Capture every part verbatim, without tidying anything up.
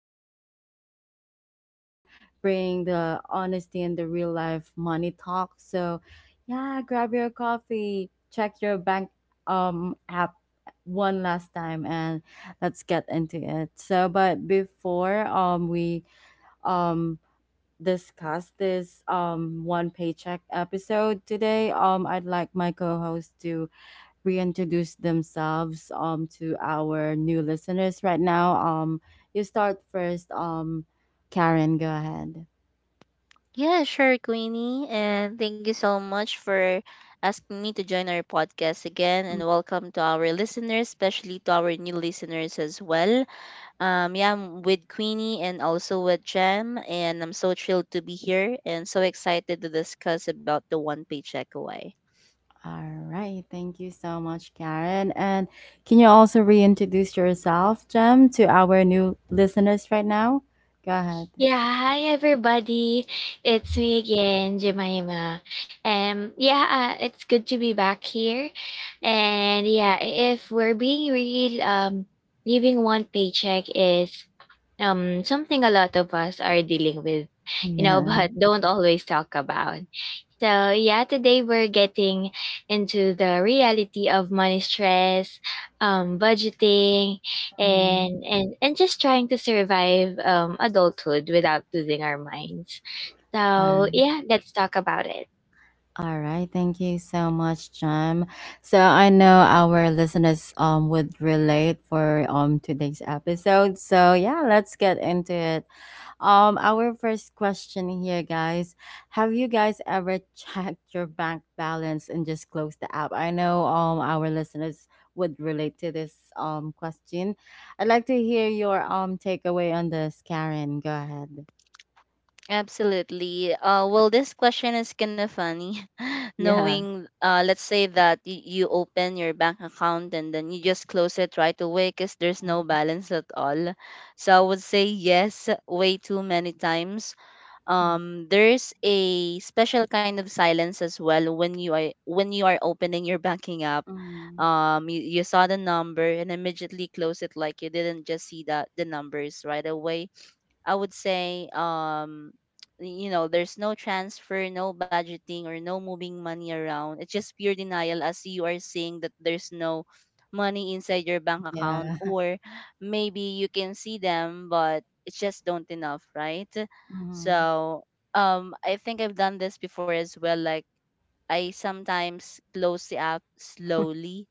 episode, Karen and Jem, bringing the honesty and the real life money talk. So, yeah, grab your coffee, check your bank um app one last time, and let's get into it. So, but before um we um discuss this um one paycheck episode today, um I'd like my co host to reintroduce themselves um to our new listeners right now. Um, you start first. Um, Karen, go ahead. Yeah, sure, Queenie. And thank you so much for asking me to join our podcast again. And Mm. welcome to our listeners, especially to our new listeners as well. Um, yeah, I'm with Queenie and also with Jem. And I'm so thrilled to be here and so excited to discuss about the One Paycheck Away. All right, thank you so much, Karen. And can you also reintroduce yourself, Jem, to our new listeners right now? Go ahead. Hi everybody, it's me again, Jemima. Um, yeah, uh, it's good to be back here. And yeah, if we're being real, um, leaving one paycheck is um something a lot of us are dealing with, you know, Yeah. but don't always talk about. So, yeah, today we're getting into the reality of money stress, um, budgeting, Mhm. and, and, and just trying to survive um, adulthood without losing our minds. All So, yeah, let's talk about it. all right. Thank you so much, Jem. So I know our listeners um would relate for um today's episode. So yeah, let's get into it. Um, our first question here, guys. Have you guys ever checked your bank balance and just closed the app? I know um our listeners would relate to this um question. I'd like to hear your um takeaway on this, Karen. Go ahead. Absolutely. Uh, well, this question is kind of funny. Yeah. Knowing, uh, let's say that y- you open your bank account and then you just close it right away because there's no balance at all. So I would say yes, way too many times. Um, there's a special kind of silence as well when you are when you are opening your banking app. Mm-hmm. Um, you, you saw the number and immediately close it, like you didn't just see that the numbers right away. I would say, um, you know, there's no transfer, no budgeting, or no moving money around. It's just pure denial, as you are saying that there's no money inside your bank account, Yeah. or maybe you can see them, but it's just don't enough, right? Mm-hmm. So, um, I think I've done this before as well. Like, I sometimes close the app slowly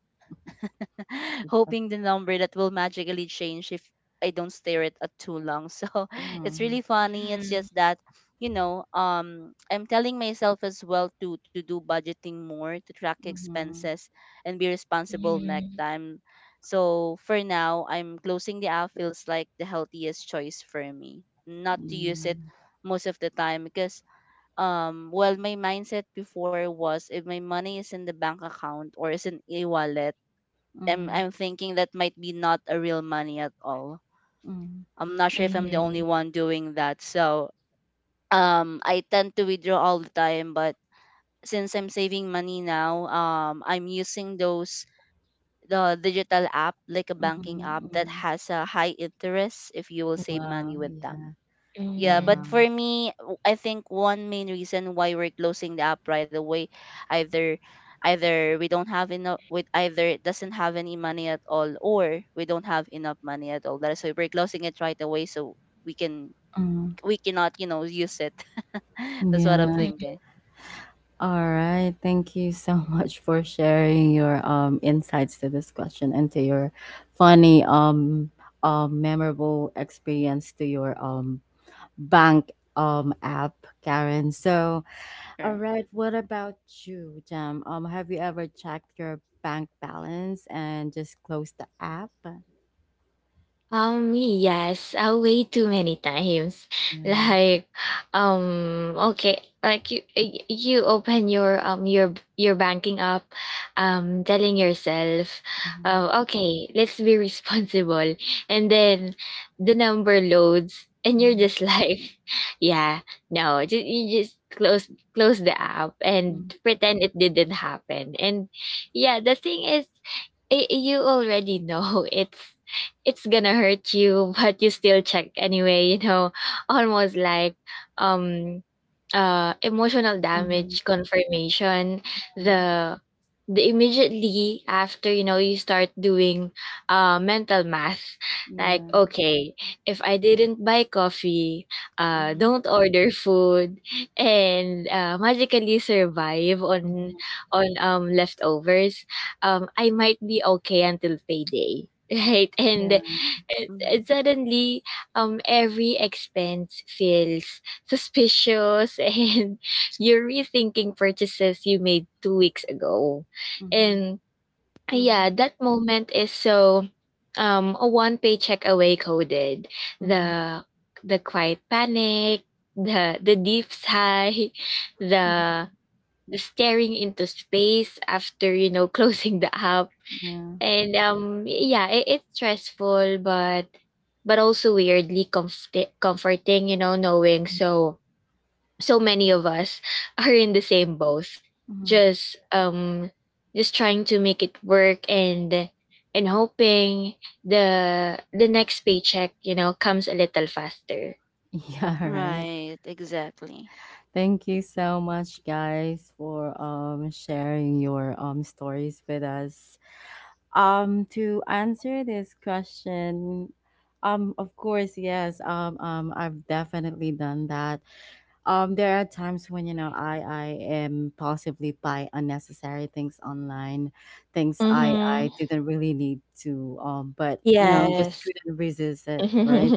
hoping the number that will magically change if I don't stare it at too long. So it's Mm-hmm. really funny. It's just Mm-hmm. that you know, um, I'm telling myself as well to to do budgeting more, to track expenses, and be responsible next Mm-hmm. time. So for now, I'm closing the app feels like the healthiest choice for me. Not to use it most of the time because um well, my mindset before was if my money is in the bank account or is in a wallet, I'm Mm-hmm. I'm Yeah. thinking that might be not a real money at all. Mm-hmm. I'm not sure if I'm the Yeah. only one doing that. So um I tend to withdraw all the time, but since I'm saving money now, um I'm using those the digital app like a banking app that Mm-hmm. has a high interest if you will save money Wow. with them. Yeah. Yeah, but Wow. Mm-hmm. for me, w- I think one main reason why we're closing the app right away, either either we don't have enough with either it doesn't have any money at all, or we don't have enough money at all. That's why we're closing it right away so we can Mm. we cannot, you know, use it. That's what I'm Yeah. thinking. All right. Thank you so much for sharing your um, insights to this question and to your funny, um, um, memorable experience to your um, bank um, app, Karen. So, all Right. right. What about you, Jam? Um, have you ever checked your bank balance and just closed the app? Um, yes, uh, way too many times. Yeah. Like, um, okay, like you, y- you open your um your your banking app, um, telling yourself, Mhm. uh, okay, let's be responsible, and then the number loads, and you're Mhm. just like, yeah, no, just you just close close the app and pretend it didn't happen, and yeah, the thing is, I you already know it's it's gonna hurt you, but you still check anyway, you know, almost like um uh, emotional Mhm. damage confirmation Mhm. the the immediately after you know you start doing uh, mental math like Yeah. okay if I didn't buy coffee, uh, Mm-hmm. don't order food, and uh, magically survive Yeah. on Mhm. on um, leftovers. um, I might be okay until payday, right, and, Yeah. and, Mm-hmm. and suddenly um every expense feels suspicious, and you're rethinking purchases you made two weeks ago. Mhm. And uh, yeah, Mm-hmm. that moment is so um a one paycheck away coded. Mhm. The the quiet panic, the the deep sigh, the Mhm. the staring into space after you know closing the app. Yeah. And um yeah, it, it's stressful but but also weirdly comfort- comforting, you know, knowing Mhm, so so many of us are in the same boat, mhm. just um just trying to make it work, and and hoping the the next paycheck you know comes a little faster. Yeah, right. Right. Exactly. Thank you so much guys for um sharing your um stories with us. Um to answer this question, um of course, yes. Um um I've definitely done that. Um there are times when, you know I I am possibly buy unnecessary things online, things I I didn't really need to, um but, you know just Yes. couldn't resist it, right?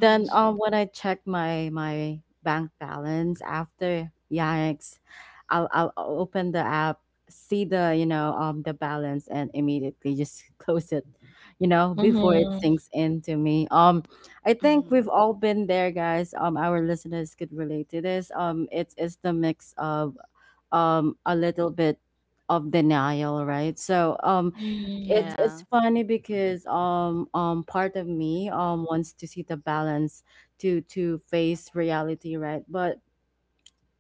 Then, um, when I check my my bank balance after, yikes, I'll I'll open the app, see the, you know um the balance, and immediately just close it, you know, before it Mm-hmm. sinks into me. Um, I think Mm-hmm. we've all been there, guys. Um, our listeners could relate to this. Um, it's it's the mix of um a little bit of denial, right? So um it's Mm-hmm. it's Yeah. funny because um um part of me um wants to see the balance to to face reality, right? But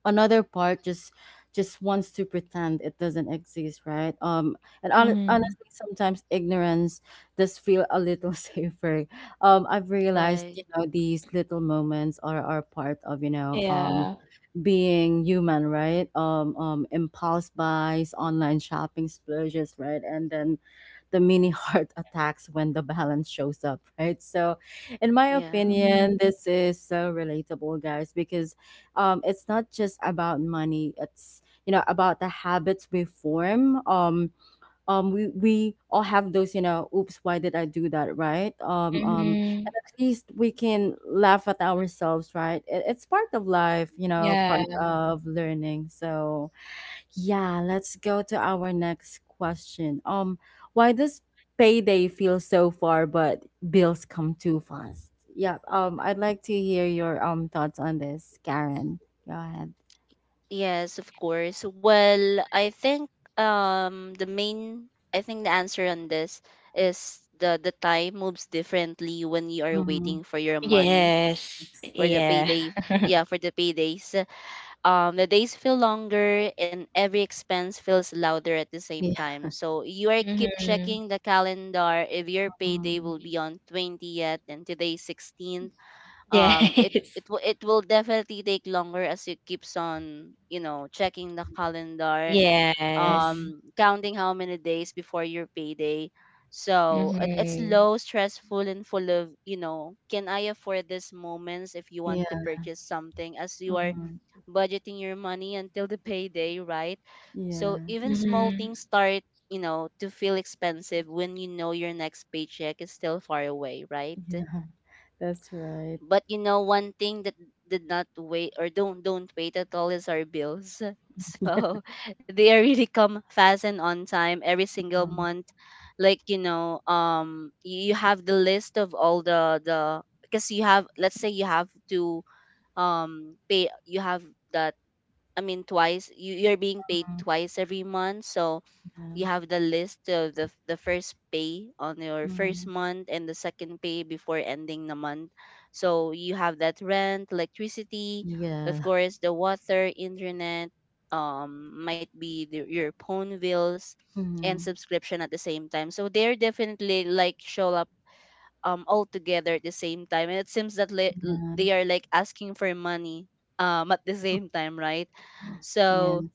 another part just just wants to pretend it doesn't exist, right? Um and hon- honestly sometimes ignorance does feel a little safer. Um I've realized, Right. you know, these little moments are are part of, you know, um Yeah. being human, right? Um, um, impulse buys, online shopping splurges, right? And then the mini heart attacks when the balance shows up, right? So, in my Yeah. Mhm. opinion, this is so relatable, guys, because um, it's not just about money. It's, you know about the habits we form. Um, um we we all have those, you know oops why did I do that, right? um um Mhm. and at least we can laugh at ourselves, right? It, it's part of life, you know Yeah. part of learning. So yeah, let's go to our next question. Um why does payday feel so far but bills come too fast? Yeah, um I'd like to hear your um thoughts on this, Karen. Go ahead. Yes, of course. Well, I think um the main I think the answer on this is the the time moves differently when you are Mm-hmm. waiting for your money Yes. for the Yeah. payday. Yeah, for the paydays. Um the days feel longer and every expense feels louder at the same Yeah. time. So you are keep Mhm. checking the calendar if your payday Mm-hmm. will be on twentieth and today sixteenth. um it Yes. it will it will definitely take longer as it keeps on, you know, checking the calendar, Yes. um counting how many days before your payday. So it, it's Mhm. low stressful and full of, you know, can I afford this moments if you want to Yeah. purchase something as you are Mm-hmm. budgeting your money until the payday, right? So Yeah. even small Mhm. things start, you know, to feel expensive when you know your next paycheck is still far away, right? Yeah, that's right. But you know, one thing that did not wait or don't don't wait at all is our bills. Yeah. So they are really come fast and on time every single month. Like you know, um, you you have the list of all the the because you have, let's say you have to um pay you have that I mean, twice you you're being paid twice every month. So you have the list of the f- the first pay on your first Mhm. month and the second pay before ending the month. So you have that rent, electricity, of Yeah. course, the water, internet, um, might be the, your phone bills and Mhm. subscription at the same time. So they're definitely like show up um all together at the same time, and it seems that li- Yeah. they are like asking for money um at the same time, right? So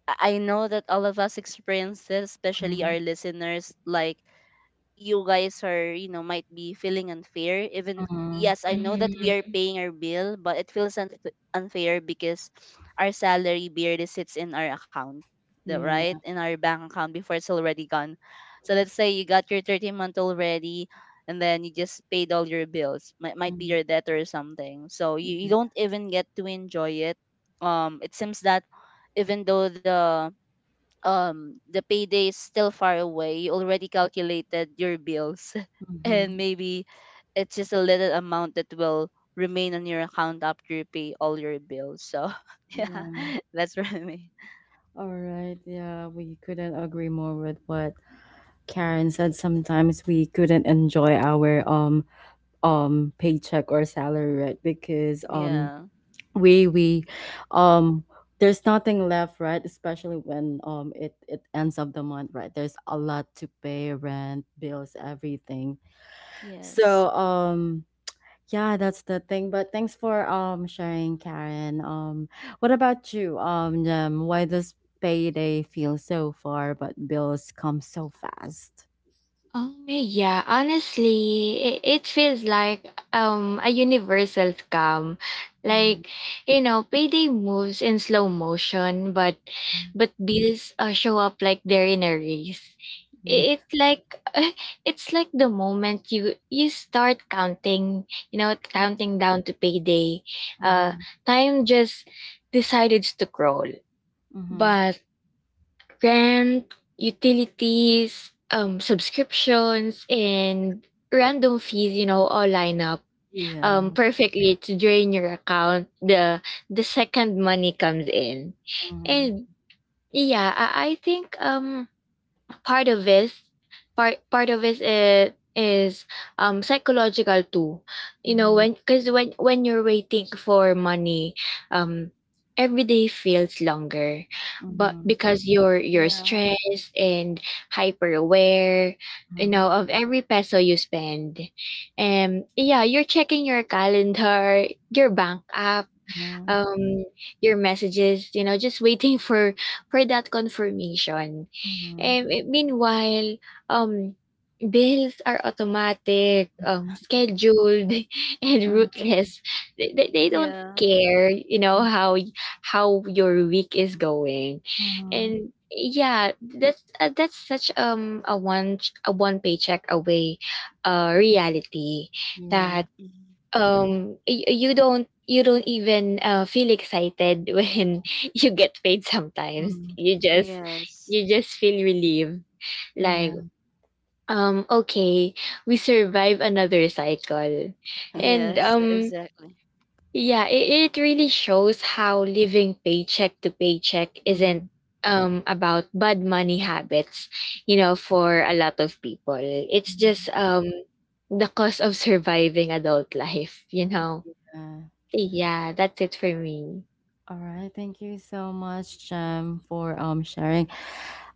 I I know that all of us experience this, especially our Mhm. listeners. Like you guys are, you know, might be feeling unfair. Even yes, I know that Mhm. we are paying our bill, but it feels unf- unfair because our salary barely sits in our account, the- Yeah. right? Yes. In our bank account before it's already gone. So let's say you got your thirty month already, and then you just paid all your bills. Might might be Mhm, your debt or something. So mhm. you, you Yeah. Mhm. don't even get to enjoy it. Um, it seems that even though the um the payday is still far away, you already calculated your bills Yeah. and Mhm. maybe it's just a little amount that will remain on your account after you pay all your bills. So yeah, Yeah. that's for me. All right. Yeah, we couldn't agree more with what Karen said. Sometimes we couldn't enjoy our um um paycheck or salary, right? Because um Yeah. we we um there's nothing left, right? Especially when um it it ends of the month, right? There's a lot to pay, rent, bills, everything. Yes. So um yeah, that's the thing. But thanks for um sharing, Karen. Um what about you, um Jem? Why does payday feel so far but bills come so fast? Um, yeah, Honestly, it, it feels like um a universal scam. Mhm. Like, you know, payday moves in slow motion, but but bills uh, show up like they're in a race. Yeah. I- It's like it's like the moment you you start counting, you know, Hmm. counting down to payday, uh, Mhm. time just decided to crawl. Mhm. But rent, utilities, um, subscriptions, and random fees, you know, all line up Yeah. um, perfectly to drain your account the the second money comes in. Mhm. And yeah, I, I think um part of it part part of it is, is um psychological too, you know, Mhm. when because when when you're waiting for money, um every day feels longer, but Mhm. because you're you're Yeah. stressed and hyper aware, you Mhm. know, of every peso you spend. And yeah, you're checking your calendar, your bank app, Yeah. um your messages, you know, just waiting for for that confirmation. Mhm. And eh, meanwhile, um bills are automatic, um scheduled and Mhm, ruthless. They, they, they don't Yeah. care you know how y- how your week is going. mhm. And yeah, that's uh, that's such um a one a one paycheck away uh reality, Yeah. that Hmm. um y- you don't you don't even uh, feel excited when you get paid. Sometimes Mm, you just Yes. you just feel relieved, like yeah. um okay, we survive another cycle. And Yes, um exactly. yeah, it, it really shows how living paycheck to paycheck isn't Mm. um about bad money habits. You know, for a lot of people, it's Mm, just um the cost of surviving adult life, you know. yeah. Yeah, that's it for me. All right. Thank you so much, Jem, for um sharing.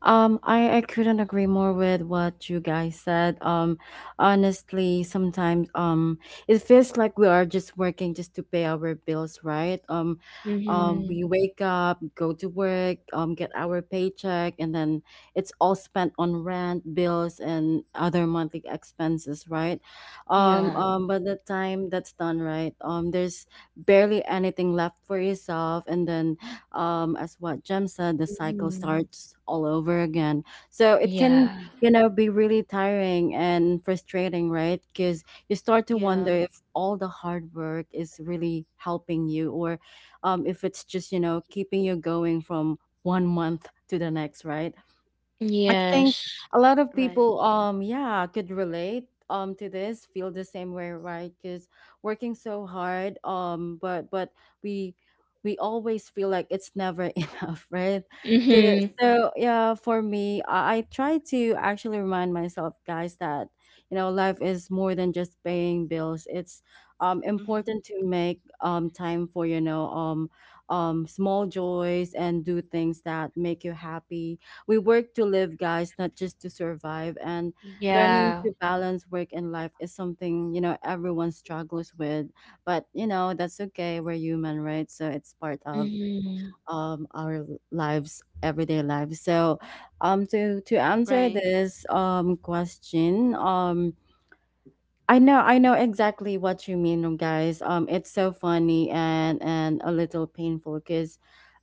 Um, I, I couldn't agree more with what you guys said. Um, honestly, sometimes um, it feels like we are just working just to pay our bills, right? Um, um, we Mhm. wake up, go to work, um, get our paycheck, and then it's all spent on rent, bills, and other monthly expenses, right? Um, Yeah. Hmm. um, by the time that's done, right? Um, there's barely anything left for yourself, and then, um, as what Jem said, the cycle Mhm. starts all over again. So it can, Yeah. you know, be really tiring and frustrating, right? Because you start to wonder Yeah. if all the hard work is really helping you or, um, if it's just, you know, keeping you going from one month to the next, right? I think Yes. a lot of Right. people, um, yeah, could relate, um, to this, feel the same way, right? Because working so hard, um, but but we we always feel like it's never enough, right? 'Cause- Mhm. So yeah, for me, I, I try to actually remind myself, guys, that, you know life is more than just paying bills. It's um Hmm. important to make um time for, you know um um small joys and do things that make you happy. We work to live, guys, not just to survive. And learning Yeah. to balance work and life is something, you know, everyone struggles with. But, you know, that's okay. We're human, right? So it's part of Mhm. um our lives, everyday lives. So um to to answer Right. this um question, um I know, I know exactly what you mean, um, guys. Um, it's so funny and and a little painful because,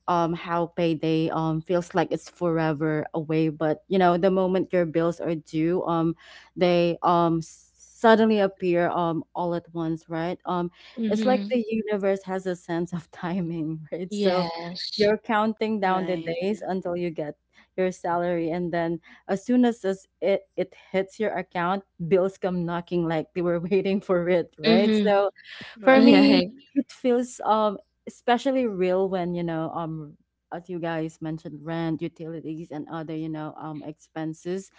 um, how payday um feels like it's forever away. But you know, the moment your bills are due, um, they, um s- suddenly appear, um all at once, right? Um, it's like Mhm. the universe has a sense of timing, right? So, Yes. you're counting down the days Right. until you get your salary, and then as soon as as it, it hits your account, bills come knocking like they were waiting for it, right? Mhm. So for Right. Yeah. me, it feels um especially real when, you know, um as you guys mentioned, rent, utilities and other, you know, um expenses,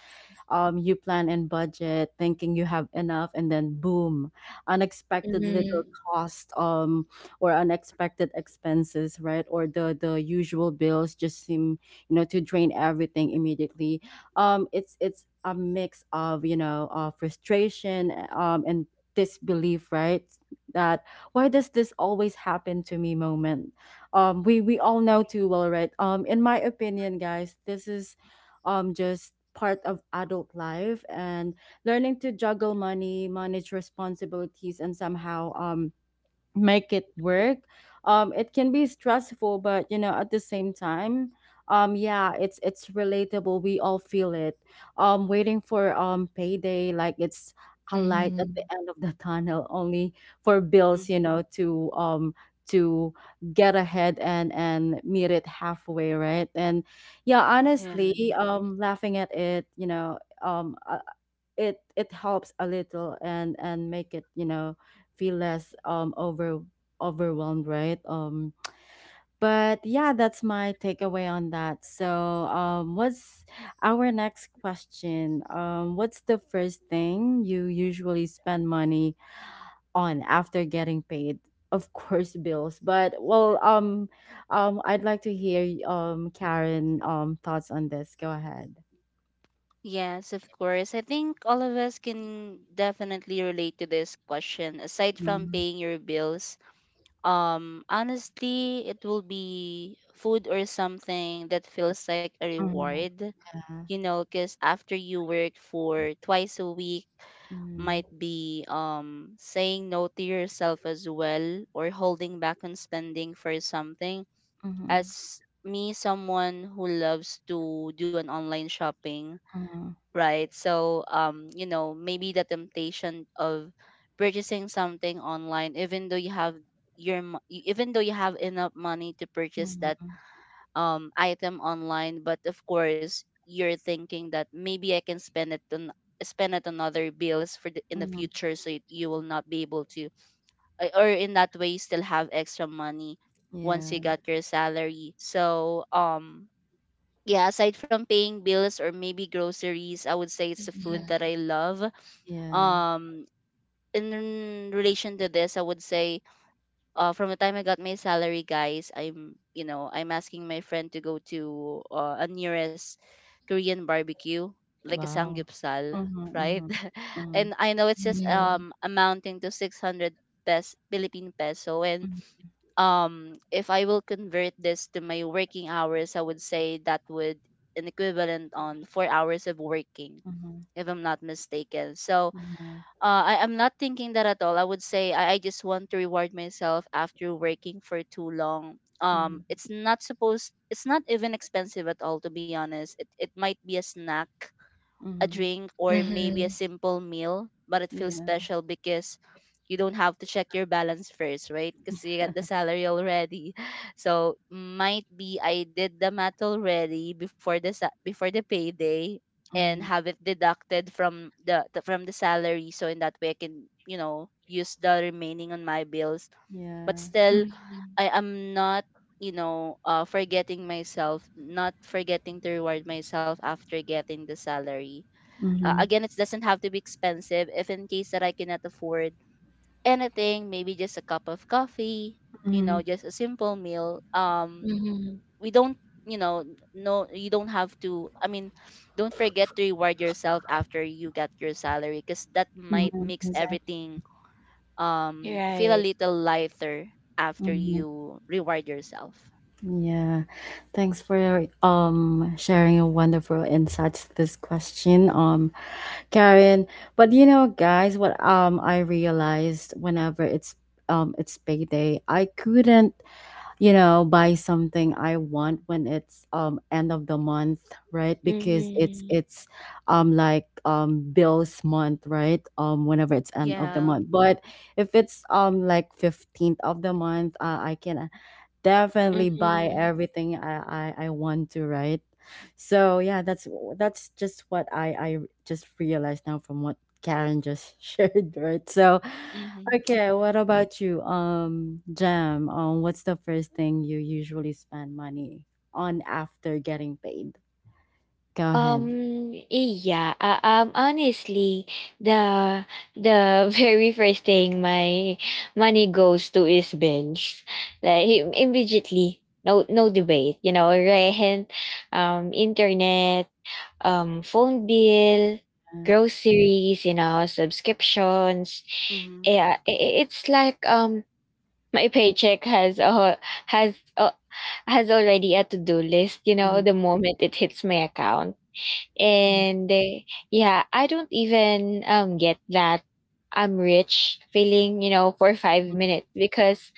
um, you plan and budget thinking you have enough and then boom, unexpected little Mhm. cost, um, or unexpected expenses, right? Or the the usual bills just seem, you know to drain everything immediately. um it's it's a mix of, you know uh, frustration, eh, um and disbelief, right? That "why does this always happen to me" moment um we we all know too well, right? um in my opinion, guys, this is um just part of adult life, and learning to juggle money, manage responsibilities, and somehow um make it work. um it can be stressful, but, you know at the same time, um yeah, it's it's relatable, we all feel it. um waiting for um payday like it's a light at the Mhm. end of the tunnel, only for bills, you Hmm. know to um to get ahead and and meet it halfway, right? And yeah, Yeah. honestly, um laughing at it, you know um a, it it helps a little, and and make it, you know feel less um over overwhelmed, right? um but yeah, that's my takeaway on that. So um what's our next question? um what's the first thing you usually spend money on after getting paid? Of course, bills, but, well, um um I'd like to hear, um Karen, um thoughts on this. Go ahead. Yes, of course. I think all of us can definitely relate to this question. Aside from Mhm. paying your bills, um, honestly, it will be food or something that feels like a Mhm. reward, Yeah. you know, because after you work for twice a week, Mhm. might be um saying no to yourself as well or holding back on spending for something. Mhm. As me, someone who loves to do an online shopping, Mhm, right? So, um, you know, maybe the temptation of purchasing something online, even though you have your mo- e- even though you have enough money to purchase that mhm, um item online, but of course you're thinking that maybe I can spend it on spend it on other bills for the, in the mhm. future, so it, you will not be able to, uh, or in that way you still have extra money once you Yeah, got your salary. So, um, yeah, aside from paying bills or maybe groceries, I would say it's the food yeah, that I love. yeah. Um, in relation to this, I would say, uh, from the time I got my salary, guys, I'm, you know, I'm asking my friend to go to uh, a nearest Korean barbecue, like a Wow. samgyeopsal, Mhm, right? mhm, mhm, And I know it's just Mhm. um amounting to six hundred pes Philippine peso, and um if I will convert this to my working hours, I would say that would an equivalent on four hours of working, mhm, mhm. if I'm not mistaken. So Yeah. uh, I, am not thinking that at all. I would say I, I just want to reward myself after working for too long. um Mhm, It's not supposed, it's not even expensive at all, to be honest. It, it might be a snack, a mhm. drink, or maybe a Mhm. simple meal, but it feels Yeah. special because you don't have to check your balance first, right? Because you got the salary already. So might be I did the math already before the sa- before the payday and Mhm. have it deducted from the the- from the salary, so in that way I can, you know, use the remaining on my bills. But Yeah. still Mhm. I am not, you know, uh, forgetting myself, not forgetting to reward myself after getting the salary. Uh, Mhm, Again, it doesn't have to be expensive if in case that I cannot afford anything, maybe just a cup of coffee, you know, mhm, just a simple meal. Um, Mhm. We don't, you know, no, you don't have to, I mean, don't forget to reward yourself after you get your salary, because that might mhm. makes Exact- everything um feel a Right. little lighter after Mhm. you reward yourself. Yeah. Thanks for um sharing your wonderful insights to this question, um, Karen. But you know, guys, what um I realized whenever it's um it's payday, I couldn't, you know, buy something I want when it's um end of the month, right? Because it's Mhm. it's um like um bills month, right? Um whenever it's end of the Yeah. month. But if it's um like fifteenth of the month, uh, I can definitely buy Mhm. everything I, I I want to, right? So yeah, that's that's just what I I just realized now from what Karen just shared, right? So Mm-hmm. okay, what about you, um, Jam? Um, what's the first thing you usually spend money on after getting paid? Go ahead. Um, eh, yeah. Uh, um, honestly, the the very first thing my money goes to is bills. Like im- immediately, no no debate. You know, rent, um, internet, um, phone bill, Yeah. groceries. You know, subscriptions. Mm-hmm. Yeah, i- i- it's like, um, my paycheck has a whole- has a, has already a to do list. You know, Mhm. the moment it hits my account. Yeah. And eh, yeah, I don't even um get that I'm rich feeling, you know, for five minutes, because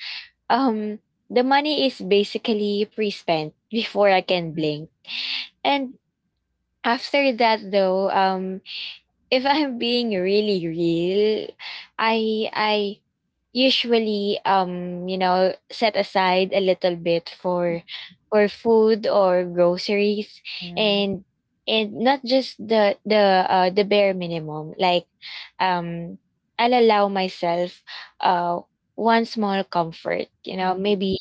um the money is basically pre-spent before I can blink. And after that though, um if I'm being really real, I I usually um you know set aside a little bit for for food or groceries, Yeah. and and not just the the uh, the bare minimum. Like um I'll allow myself uh one small comfort, you know, Mhm. maybe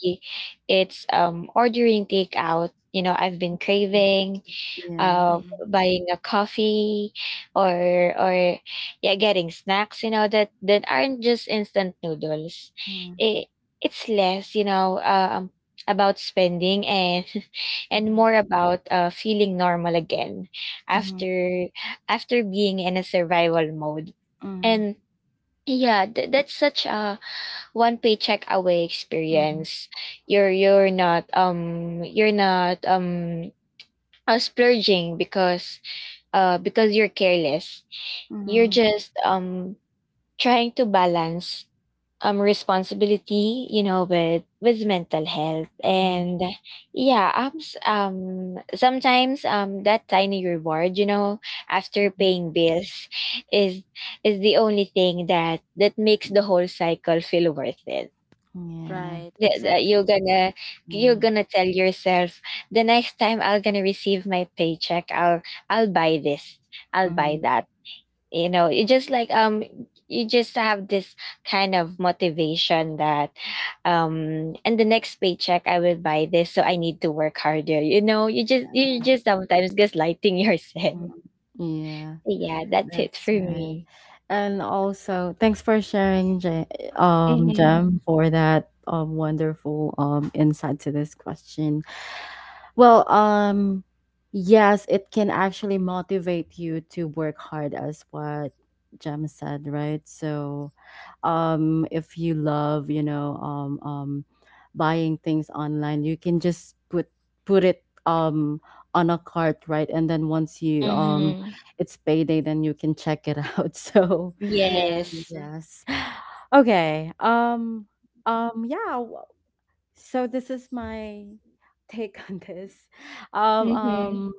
it's um ordering takeout, you know, I've been craving, Yeah. uh Mm-hmm. buying a coffee, or or yeah, getting snacks, you know, that that aren't just instant noodles. Mhm. it, it's less, you know, um about spending and and Mm-hmm. more about uh feeling normal again after after being in a survival mode. Mhm. And yeah, th- that's such a one paycheck away Mhm. experience. You're you're not um you're not um uh, splurging because uh, because you're careless. You're Mhm. just um trying to balance um responsibility, you know, with with mental health. And yeah, um, s- um sometimes um that tiny reward, you know, after Mhm. paying bills is is the only thing that that makes the whole cycle feel worth it. Mhm. Right. Yeah, that you're Exactly. gonna you're Yeah. gonna tell yourself the next time I'll gonna receive my paycheck, I'll I'll buy this. I'll buy Mhm, that. You know, you just like um you just have this kind of motivation that um and the next paycheck I will buy this, so I need to work harder. You know, you just you just sometimes gaslighting yourself. mhm. Yeah, Yeah, that's it that's for right. me. And also, thanks for sharing, J um, Mm-hmm. Jem, for that um, wonderful um, insight to this question. Well, um, yes, it can actually motivate you to work hard, as what Jem said, right? So, um, if you love, you know, um, um, buying things online, you can just put put it um on a cart, right? And then once you um, Mm-hmm. it's payday, then you can check it out. So, Yes. Yes. yes, okay, um. Um yeah, so this is my take on this. Um, Mm-hmm. um,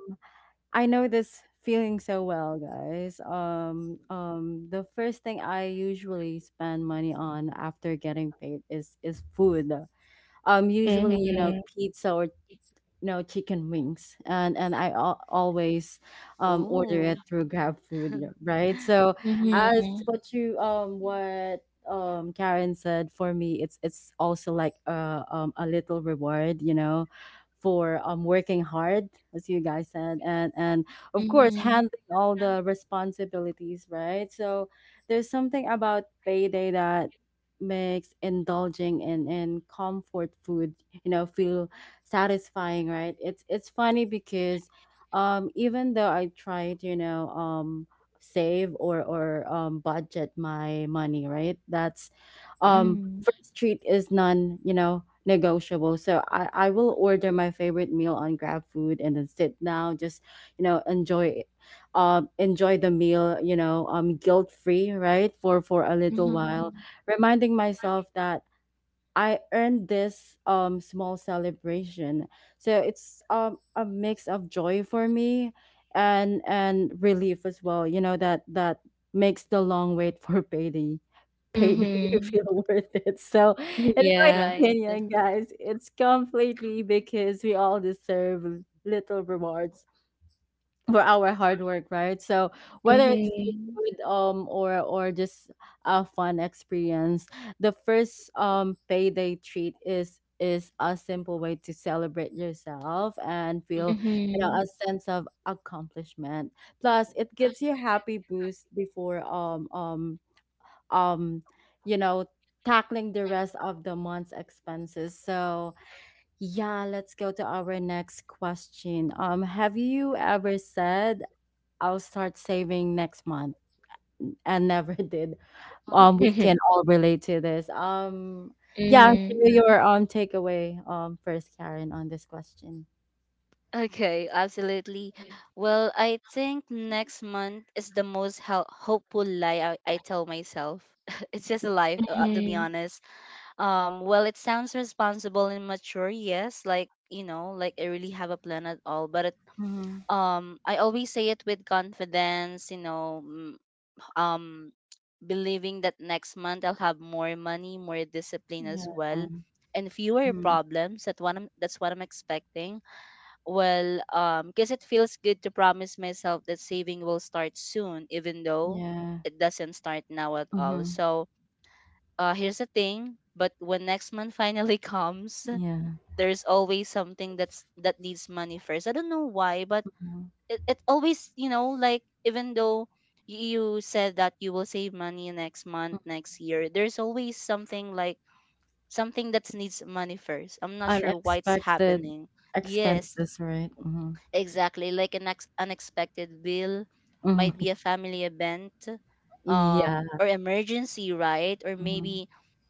I know this feeling so well, guys. Um, um, the first thing I usually spend money on after getting paid is is food. Um, usually, you know, Mm-hmm. pizza or no, chicken wings, and and i al- always um order it Oh. through Grab Food, yeah, right. So Mm. as Mm-hmm. what you um what um Karen said, for me it's it's also like a um a little reward, you know for um working hard, as you guys said, and and of course Mm-hmm. handling all the responsibilities, right? So there's something about payday that makes indulging in in comfort food, you know feel satisfying, right? It's it's funny because um even though I try to, you know, um save or or um budget my money, right? That's um Mm-hmm. first treat is non, you know, negotiable. So I I will order my favorite meal on Grab Food and then sit down just, you know, enjoy it, um, enjoy the meal, you know, um, guilt free, right? For for a little, Mhm, while, Mm-hmm. reminding myself that I earned this um small celebration. So it's um a mix of joy for me and and relief as well. You know that that makes the long wait for payday payday Mm. Mm-hmm. feel worth it. So in my Yeah. Right. opinion, guys, it's completely because we all deserve little rewards for our hard work, right? So whether it's Mm-hmm. food, um or or just a fun experience, the first um payday treat is is a simple way to celebrate yourself and feel, Mhm. you know, Mm-hmm. a sense of accomplishment. Plus, it gives you a happy boost before um um um you know tackling the rest of the month's expenses. So yeah, let's go to our next question. Um, have you ever said I'll start saving next month and never did. Um, we can all relate to this. Um, yeah, Mm-hmm. share your um takeaway um first, Karen, on this question. Okay, absolutely. Well, I think next month is the most hel- hopeful lie I, I tell myself. It's just a lie, uh, to be Mm-hmm. honest. Um, well, it sounds responsible and mature, yes, like, you know, like I really have a plan at all, but it, Mm-hmm. um, I always say it with confidence, you know, mm, um believing that next month I'll have more money, more discipline Yeah. as well, and fewer Mm-hmm. problems. That one I'm, that's what I'm expecting. Well, um, because it feels good to promise myself that saving will start soon, even though Yeah. it doesn't start now at all. Mm-hmm. So, uh, here's the thing. But when next month finally comes, Yeah. there's always something that's that needs money first. I don't know why, but Mhm. it, it always you know like even though y- you said that you will save money next Mm. month next year, there's always something like something that needs money first. I'm not sure why it's Unexpected happening. Yes, expenses, right? Mm-hmm. exactly, like an ex- unexpected bill, might be Hmm. a family event, Yeah. um or emergency, right? Or Mm-hmm. maybe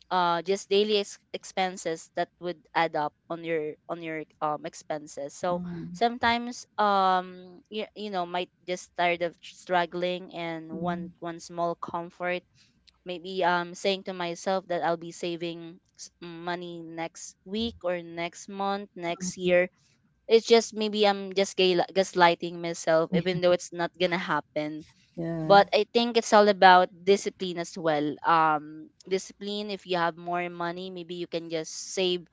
uh just daily ex- expenses that would add up on your on your um expenses. So Hmm. sometimes, um you, you know might just tired of struggling and want one small comfort. Maybe um saying to myself that I'll be saving s- money next week or next month next Hmm. year. It's just maybe I'm just gay- gaslighting myself, even though it's not gonna happen. Yeah. But I think it's all about discipline as well. Um, discipline. If you have more money, maybe you can just save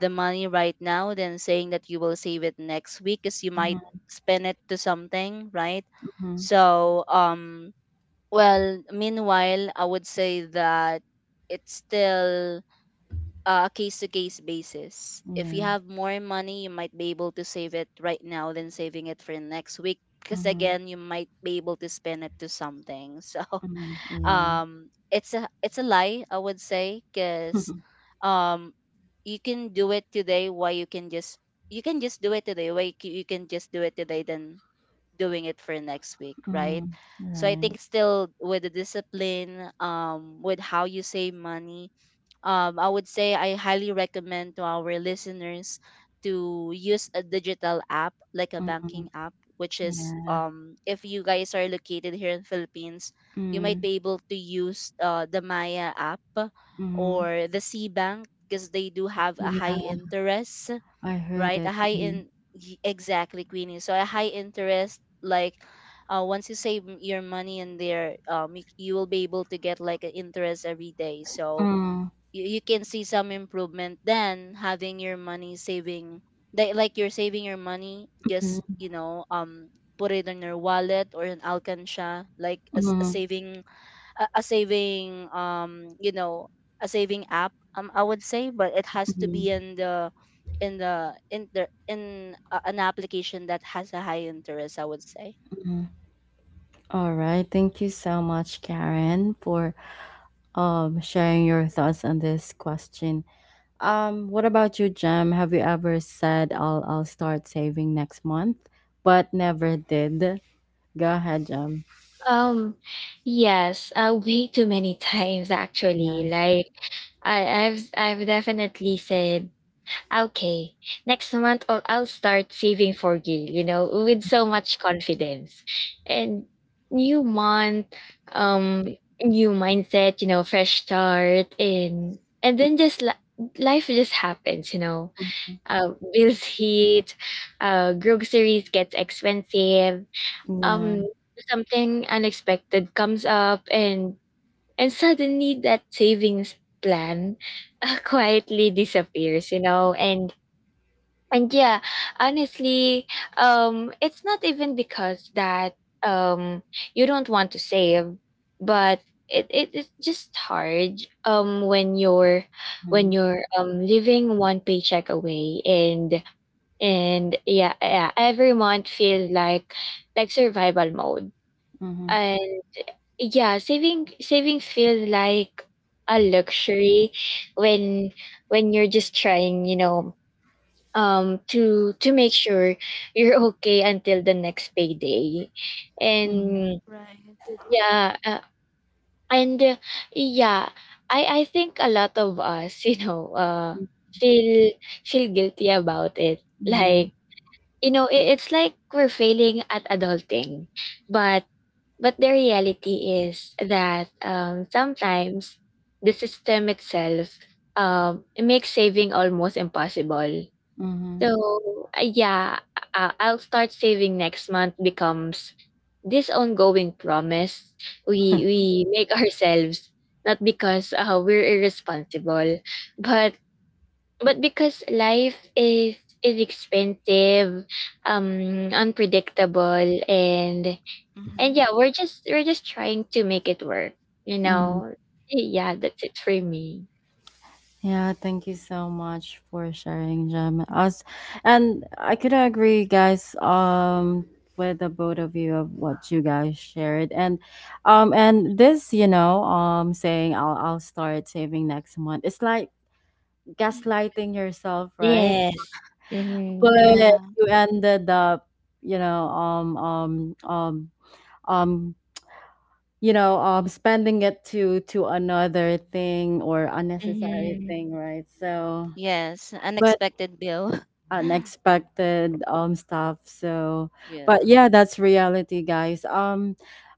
the money right now than saying that you will save it next week, because you might spend it to something, right? Mm-hmm. So, um, well, meanwhile, I would say that it's still uh, a case to case basis. If Yeah. you have more money, you might be able to save it right now than saving it for next week, because Mm-hmm. again you might be able to spend it to something so Yeah. um it's a it's a lie, I would say, because um you can do it today, why you can just you can just do it today why you c- you can just do it today than doing it for next week, right? Mhm. So I Right. think still with the discipline, um with how you save money, um, I would say I highly recommend to our listeners to use a digital app like a Mhm. banking app, which is, Yeah. um, if you guys are located here in Philippines, you might Mm. be able to use uh, the Maya app Mhm. or the C Bank, because they do have a Yeah, high interest, I heard right? it. A high Mhm. in y- exactly, Queenie. So a high interest like uh, once you save m- your money in there, um, you, you will be able to get like an interest every day. So Mm. you, you can see some improvement than having your money saving like like you're saving your money just Mhm. you know um put it in your wallet or in alcansha, like a, s- a Mhm. saving a, a saving um you know a saving app, um I would say, but it has to Mhm. be in the in the in the in a, an application that has a high interest, I would say. Mhm. All right. Thank you so much, Karen, for um sharing your thoughts on this question. Um, what about you, Jem? Have you ever said I'll I'll start saving next month, but never did? Go ahead, Jem. Um, yes, uh, way too many times Yeah. actually. Like I, I've I've definitely said, okay, next month or I'll start saving for you, you know, with so much confidence. And new month, Mm-hmm. um, new mindset, you know, fresh start, and and then just li- life just happens, you know. Uh, bills hit, uh groceries gets expensive, um, Yeah. something unexpected comes up, and and suddenly that savings plan uh, quietly disappears, you know. And and yeah, honestly, um, it's not even because that um you don't want to save, but it, it it's just hard um when you're Mm-hmm. when you're um living one paycheck away. And and yeah, yeah every month feels like like survival mode. Mm-hmm. Yeah, saving saving feels like a luxury when when you're just trying, you know, um to to make sure you're okay until the next payday. And Right. yeah uh, and uh, Yeah, I I think a lot of us you know uh Mm-hmm. feel feel guilty about it, Yeah. like, you know, it, it's like we're failing at adulting, but but the reality is that um, sometimes the system itself, um, it makes saving almost impossible. So uh, yeah, uh, I'll start saving next month becomes this ongoing promise we Mm-hmm. we make ourselves, not because uh, we're irresponsible, but but because life is is expensive, um, unpredictable, and and Mm-hmm. yeah, we're just we're just trying to make it work, you know. Yeah, that's it for me. Yeah, thank you so much for sharing, Jem. Us and I could agree, guys, um, with the both of you of what you guys shared. And um and this, you know, um saying I'll I'll start saving next month, it's like gaslighting yourself, right? Yes. Mhm. But you ended up, you know, um um um um you know, um spending it to to another thing or unnecessary Mhm. thing, right? So Yes, but unexpected bill. unexpected um stuff. So Yeah. but yeah, that's reality, guys. um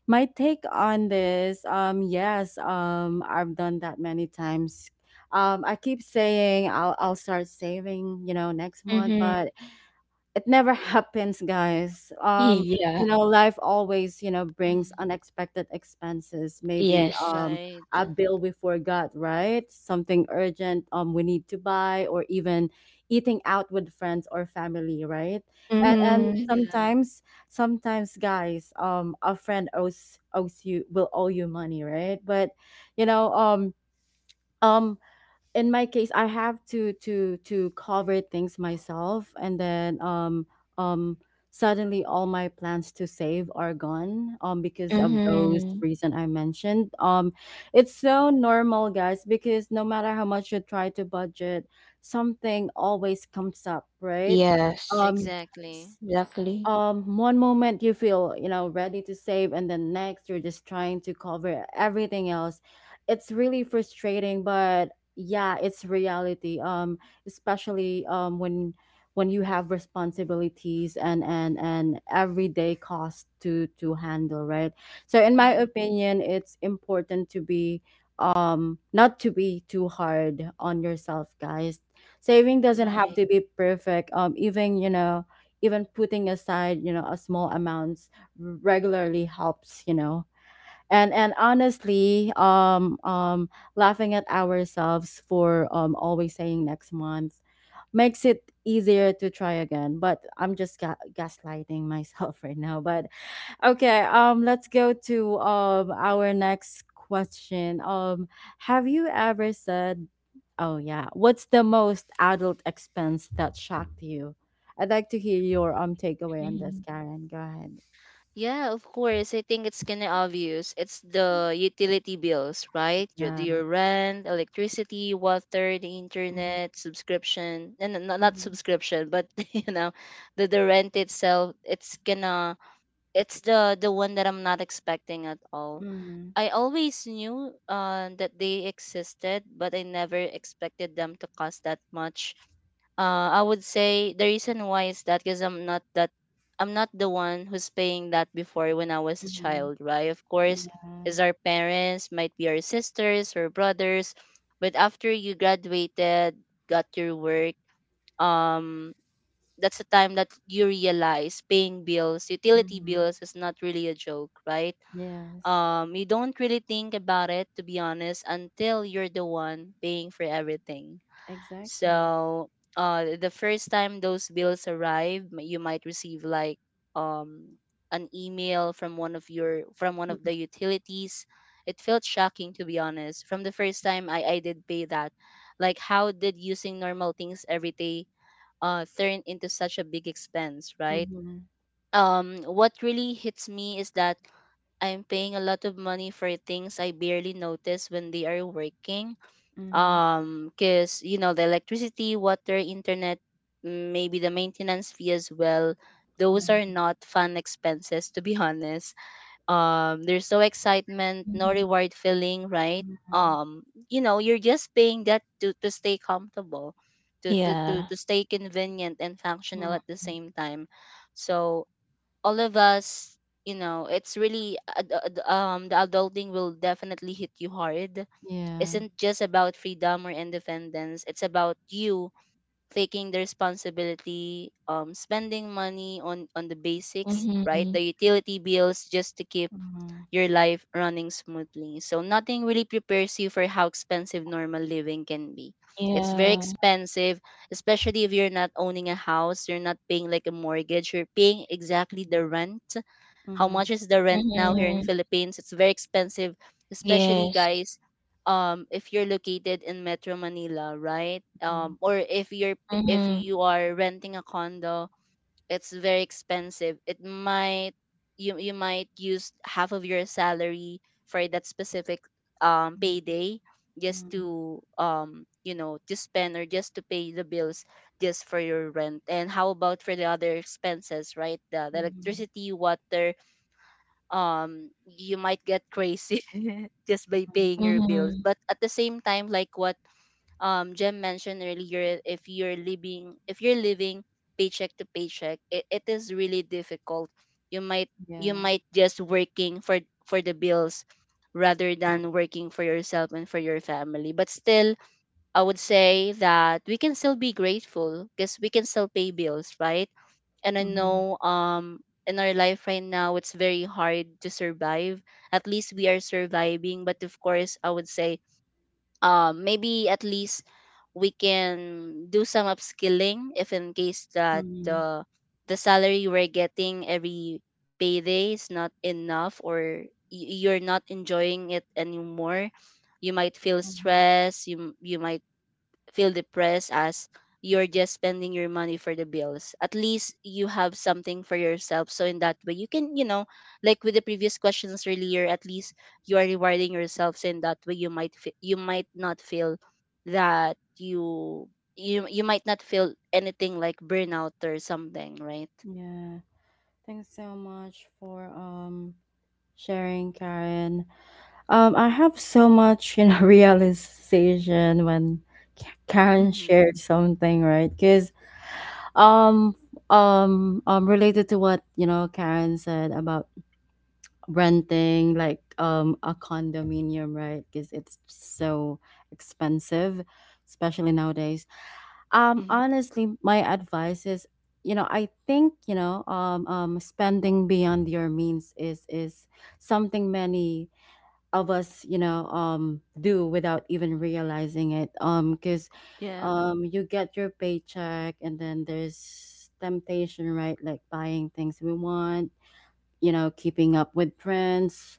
My take on this, um yes, um I've done that many times. um I keep saying i'll i'll start saving, you know, next month, Mhm. but it never happens, guys. um Yeah. You know, life always, you know, brings Hmm. unexpected expenses. Maybe Yes. um Right. a bill we forgot, right, something urgent um we need to buy, or even eating out with friends or family, right? And and Mhm. Yeah, sometimes, sometimes, guys, um a friend owes, owes you will owe you money, right? But you know, um um in my case I have to to to cover things myself and then um um suddenly all my plans to save are gone, um because of those Mhm. reason I mentioned. Um it's so normal, guys, because no matter how much you try to budget, something always comes up, right? Yes. um exactly. Exactly. Um one moment you feel, you know, ready to save, and then next you're just trying to cover everything else. It's really frustrating, but yeah, it's reality. Um especially um when when you have responsibilities and and and everyday cost to to handle, right? So in my Hmm. opinion, it's important to be um not to be too hard on yourself, guys. Saving doesn't have Right. to be perfect. Um even you know, even putting aside, you know, a small amounts regularly helps, you know. And and honestly, um um laughing at ourselves for um always saying next month makes it easier to try again. But I'm just ga- gaslighting myself right now. But okay, um, let's go to um our next question. Um, have you ever said, "Oh yeah, what's the most adult expense that shocked you?" I'd like to hear your um takeaway on this, Karen. Go ahead. Yeah, of course. I think it's kind of obvious. It's the utility bills, right? Your, Yeah. your rent, electricity, water, the Mm-hmm. internet, subscription, and no, no, not Mm-hmm. subscription, but you know, the the rent itself. It's gonna. It's the the one that I'm not expecting at all. I always knew uh, that they existed, but I never expected them to cost that much. Uh, I would say the reason why is that because I'm not that I'm not the one who's paying that before when I was a Mm-hmm. child, right? Of course, Yeah. is our parents, might be our sisters or brothers, but after you graduated, got your work, um, that's the time that you realize paying bills, utility Mm-hmm. bills, is not really a joke, right? Yes. Um you don't really think about it, to be honest, until you're the one paying for everything. Exactly. So uh the first time those bills arrive, m- you might receive like um an email from one of your from one of Mm-hmm. the utilities. It felt shocking, to be honest, from the first time i i did pay that. Like, how did using normal things every day uh turn into such a big expense, right? Mm-hmm. um what really hits me is that I'm paying a lot of money for things I barely notice when they are working. Um, cause you know the electricity, water, internet, mm, maybe the maintenance fee as well. Yeah. Those are not fun expenses, to be honest. Um, there's no excitement, no reward feeling, right? Mm-hmm. Um, you know, you're just paying that to to stay comfortable, to to to Yeah. to stay convenient and functional at the same time. So all of us, you know, it's really ad- ad- um the adulting will definitely hit you hard, Yeah. isn't just about freedom or independence, it's about you taking the responsibility, um spending money on on the basics, right, the Mhm. utility bills, just to keep Mm-hmm. your life running smoothly. So nothing really prepares you for how expensive normal living can be. It's very Yeah. Yeah. expensive, especially if you're not owning a house, you're not paying like a mortgage, you're paying exactly the rent. How much is the rent now here in Mhm. Philippines? It's very expensive, especially Yes. guys, um if you're located in Metro Manila, right? Um, or if you're if Mhm. you are renting a condo, it's very expensive. It might, you you might use half of your salary for that specific um payday, just Mm-hmm. to um you know, to spend or just to pay the bills, just for your rent, and how about for the other expenses, right, the, the Mhm, electricity, water. Um you might get crazy just by mhm, paying your bills, Mhm. but at the same time, like what um Jem mentioned earlier, if you're living if you're living paycheck to paycheck, it, it is really difficult. You might, you yeah, might just working for for the bills rather than working for yourself and for your family. But still, I would say that we can still be grateful because we can still pay bills, right? And I mhm, know um in our life right now, it's very hard to survive. At least we are surviving, but of course, I would say, um maybe at least we can do some upskilling if in case that mhm, the the salary we're getting every payday is not enough, or y- you're not enjoying it anymore, you might feel mhm, stressed, you m- you might feel depressed as you're just spending your money for the bills. At least you have something for yourself. So in that way, you can, you know, like with the previous questions earlier, at least you are rewarding yourself. So in that way, you might fe- you might not feel that you you you might not feel anything like burnout or something, right? yeah. Thanks so much for um sharing, Karen. Um, I have so much, you know, realization when K- Karen Mm-hmm. shared something, right? Because um um um related to what, you know, Karen said about renting like um a condominium, right? Because it's so expensive, especially nowadays. Um, hmm. honestly, my advice is, you know, I think you know, um, um, spending beyond your means is is something many of us, you know, um, do without even realizing it. Um, because Yeah. um you get your paycheck and then there's temptation, right, like buying things we want, you know, keeping up with trends,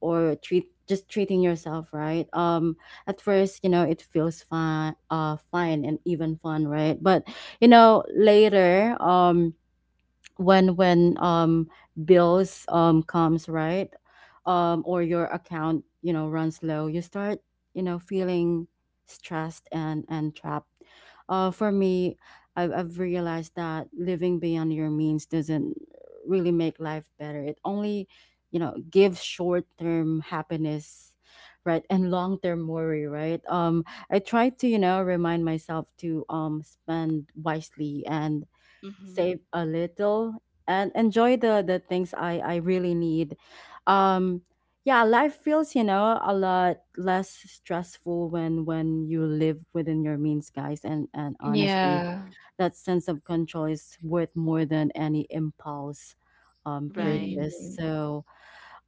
or treat, just treating yourself, right. Um at first, you know, it feels fine, uh fine and even fun, right? But you know, later um when when um bills um comes, right, um or your account, you know, runs low, you start, you know, feeling stressed and and trapped. Uh for me, i've, I've realized that living beyond your means doesn't really make life better. It only, you know, gives short-term happiness, right, and long-term worry, right. um I try to, you know, remind myself to um spend wisely and Mm-hmm. save a little and enjoy the the things i i really need. um yeah, life feels, you know, a lot less stressful when when you live within your means, guys. And and honestly, Yeah. that sense of control is worth more than any impulse um Right. purchase. Mhm. So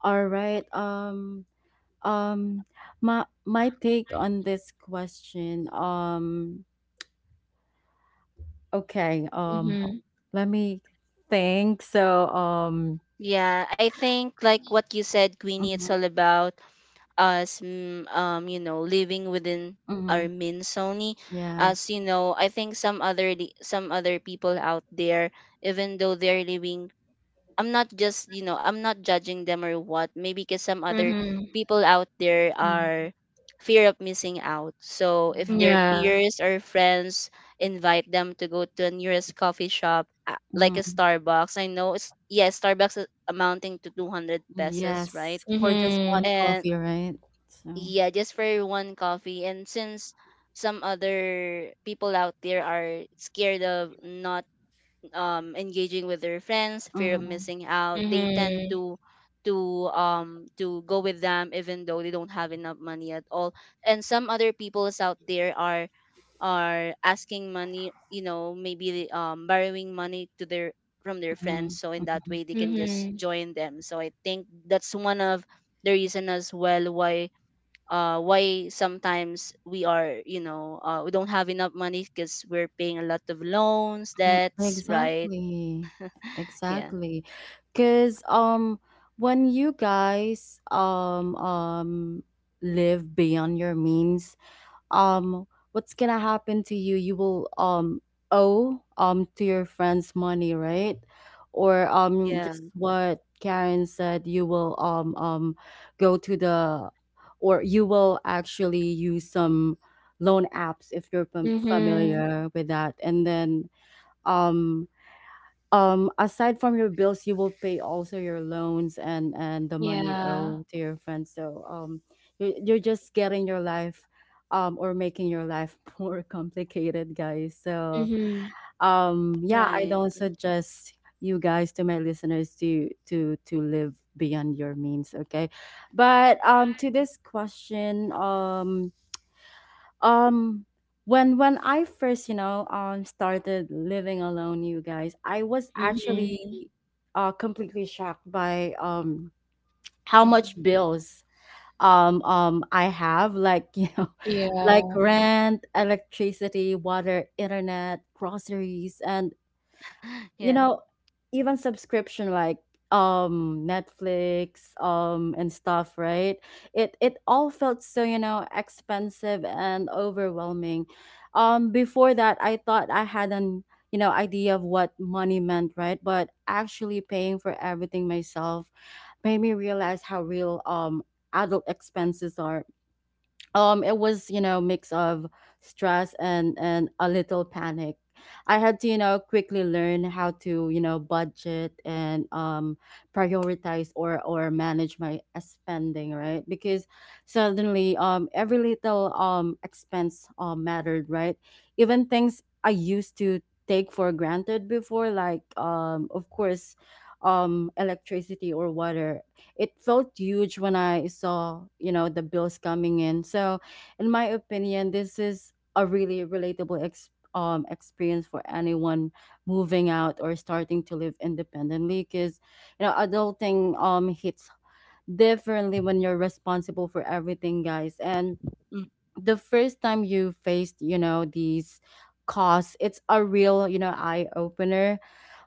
all right, um um my my take on this question, um okay, um, ho- Mhm. let me think. So, um, Yeah, I think like what you said, Queenie, it's mhm, all about us mm, um you know living within our mhm, means only, yeah, as you know. I think some other li- some other people out there, even though they're living, I'm not just, you know, I'm not judging them or what, maybe because some other Mhm. people out there mm, are fear of missing out, so if their yeah, Yeah. peers or friends invite them to go to a nearest coffee shop, uh, like a mhm, Starbucks, I know it's, yeah, Starbucks is amounting to two hundred pesos, right? yes, for just one Mhm. And coffee, right? So, yeah, just for one coffee. And since some other people out there are scared of not um engaging with their friends, fear of mhm, missing out, they tend Mhm. to to um to go with them even though they don't have enough money at all. And some other peoples out there are are asking money, you know, maybe um borrowing money to their from their friends, mhm, so in that mhm, way they can just Mhm. join them. So I think that's one of the reason as well why uh, why sometimes we are, you know, uh, we don't have enough money because we're paying a lot of loans, mhm, debts, right? exactly, Yeah. exactly. Because, um, when you guys, um, um, live beyond your means, um what's gonna happen to you, you will um owe um to your friends money, right, or um Yeah. just what Karen said, you will um um go to the, or you will actually use some loan apps if you're fam- Mhm. familiar with that, and then um um aside from your bills you will pay also your loans and and the money you Yeah. owe to your friends. So um you're, you're just getting your life um or making your life more complicated, guys. So Mhm. um yeah, I don't Right. suggest you guys, to my listeners, to to to live beyond your means, okay? But um to this question, um um when when I first, you know, um started living alone, you guys, I was actually Mhm. uh completely shocked by um how Mhm. much bills um um I have, like you know, like Yeah. rent, electricity, water, internet, groceries, and you Yeah. know, even subscription like um Netflix um and stuff, right? it it all felt so, you know, expensive and overwhelming. Um before that, I thought I had an, you know, idea of what money meant, right, but actually paying for everything myself made me realize how real um adult expenses are. Um it was, you know, mix of stress and and a little panic. I had to, you know, quickly learn how to, you know, budget and um prioritize or or manage my uh, spending, right, because suddenly um every little um expense um mattered, right? Even things I used to take for granted before, like um of course, um electricity or water, it felt huge when I saw, you know, the bills coming in. So, in my opinion, this is a really relatable ex- um, experience for anyone moving out or starting to live independently, because, you know, adulting um, hits differently when you're responsible for everything, guys. And Mm. the first time you faced, you know, these costs, it's a real, you know, eye opener,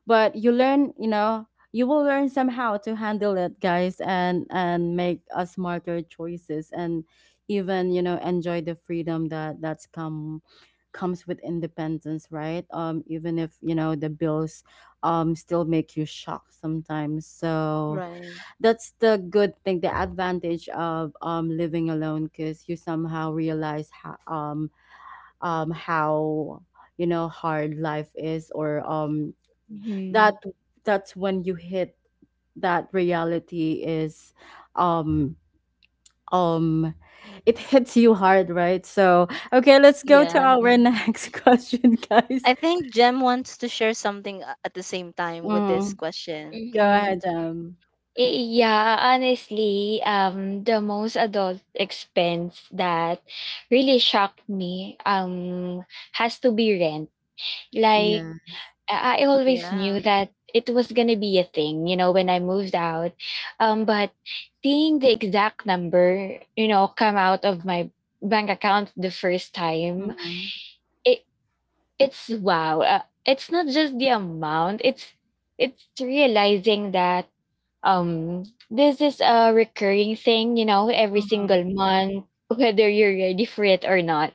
but you learn, you know you will learn somehow to handle it, guys, and and make a smarter choices, and even, you know enjoy the freedom that that's come comes with independence, right? Um even if, you know the bills um still make you shocked sometimes. So Right. that's the good thing, the advantage of um living alone, because you somehow realize how um um how, you know hard life is. Or um that Mhm. that's when you hit that reality. Is um um it hits you hard, right? So okay, let's go to Yeah. our next question, guys. I think Jem wants to share something a- at the same time with this Mm, question. go Mhm. ahead. Um I- Yeah, honestly, um, the most adult expense that really shocked me um has to be rent. Like Yeah. I I always Yeah. knew that it was gonna be a thing, you know, when I moved out. Um, but seeing the exact number, you know, come out of my bank account the first time, Mm-hmm, it. It's wow. Uh, it's not just the amount. It's it's realizing that um this is a recurring thing, you know, every mm-hmm, single month, whether you're ready for it or not.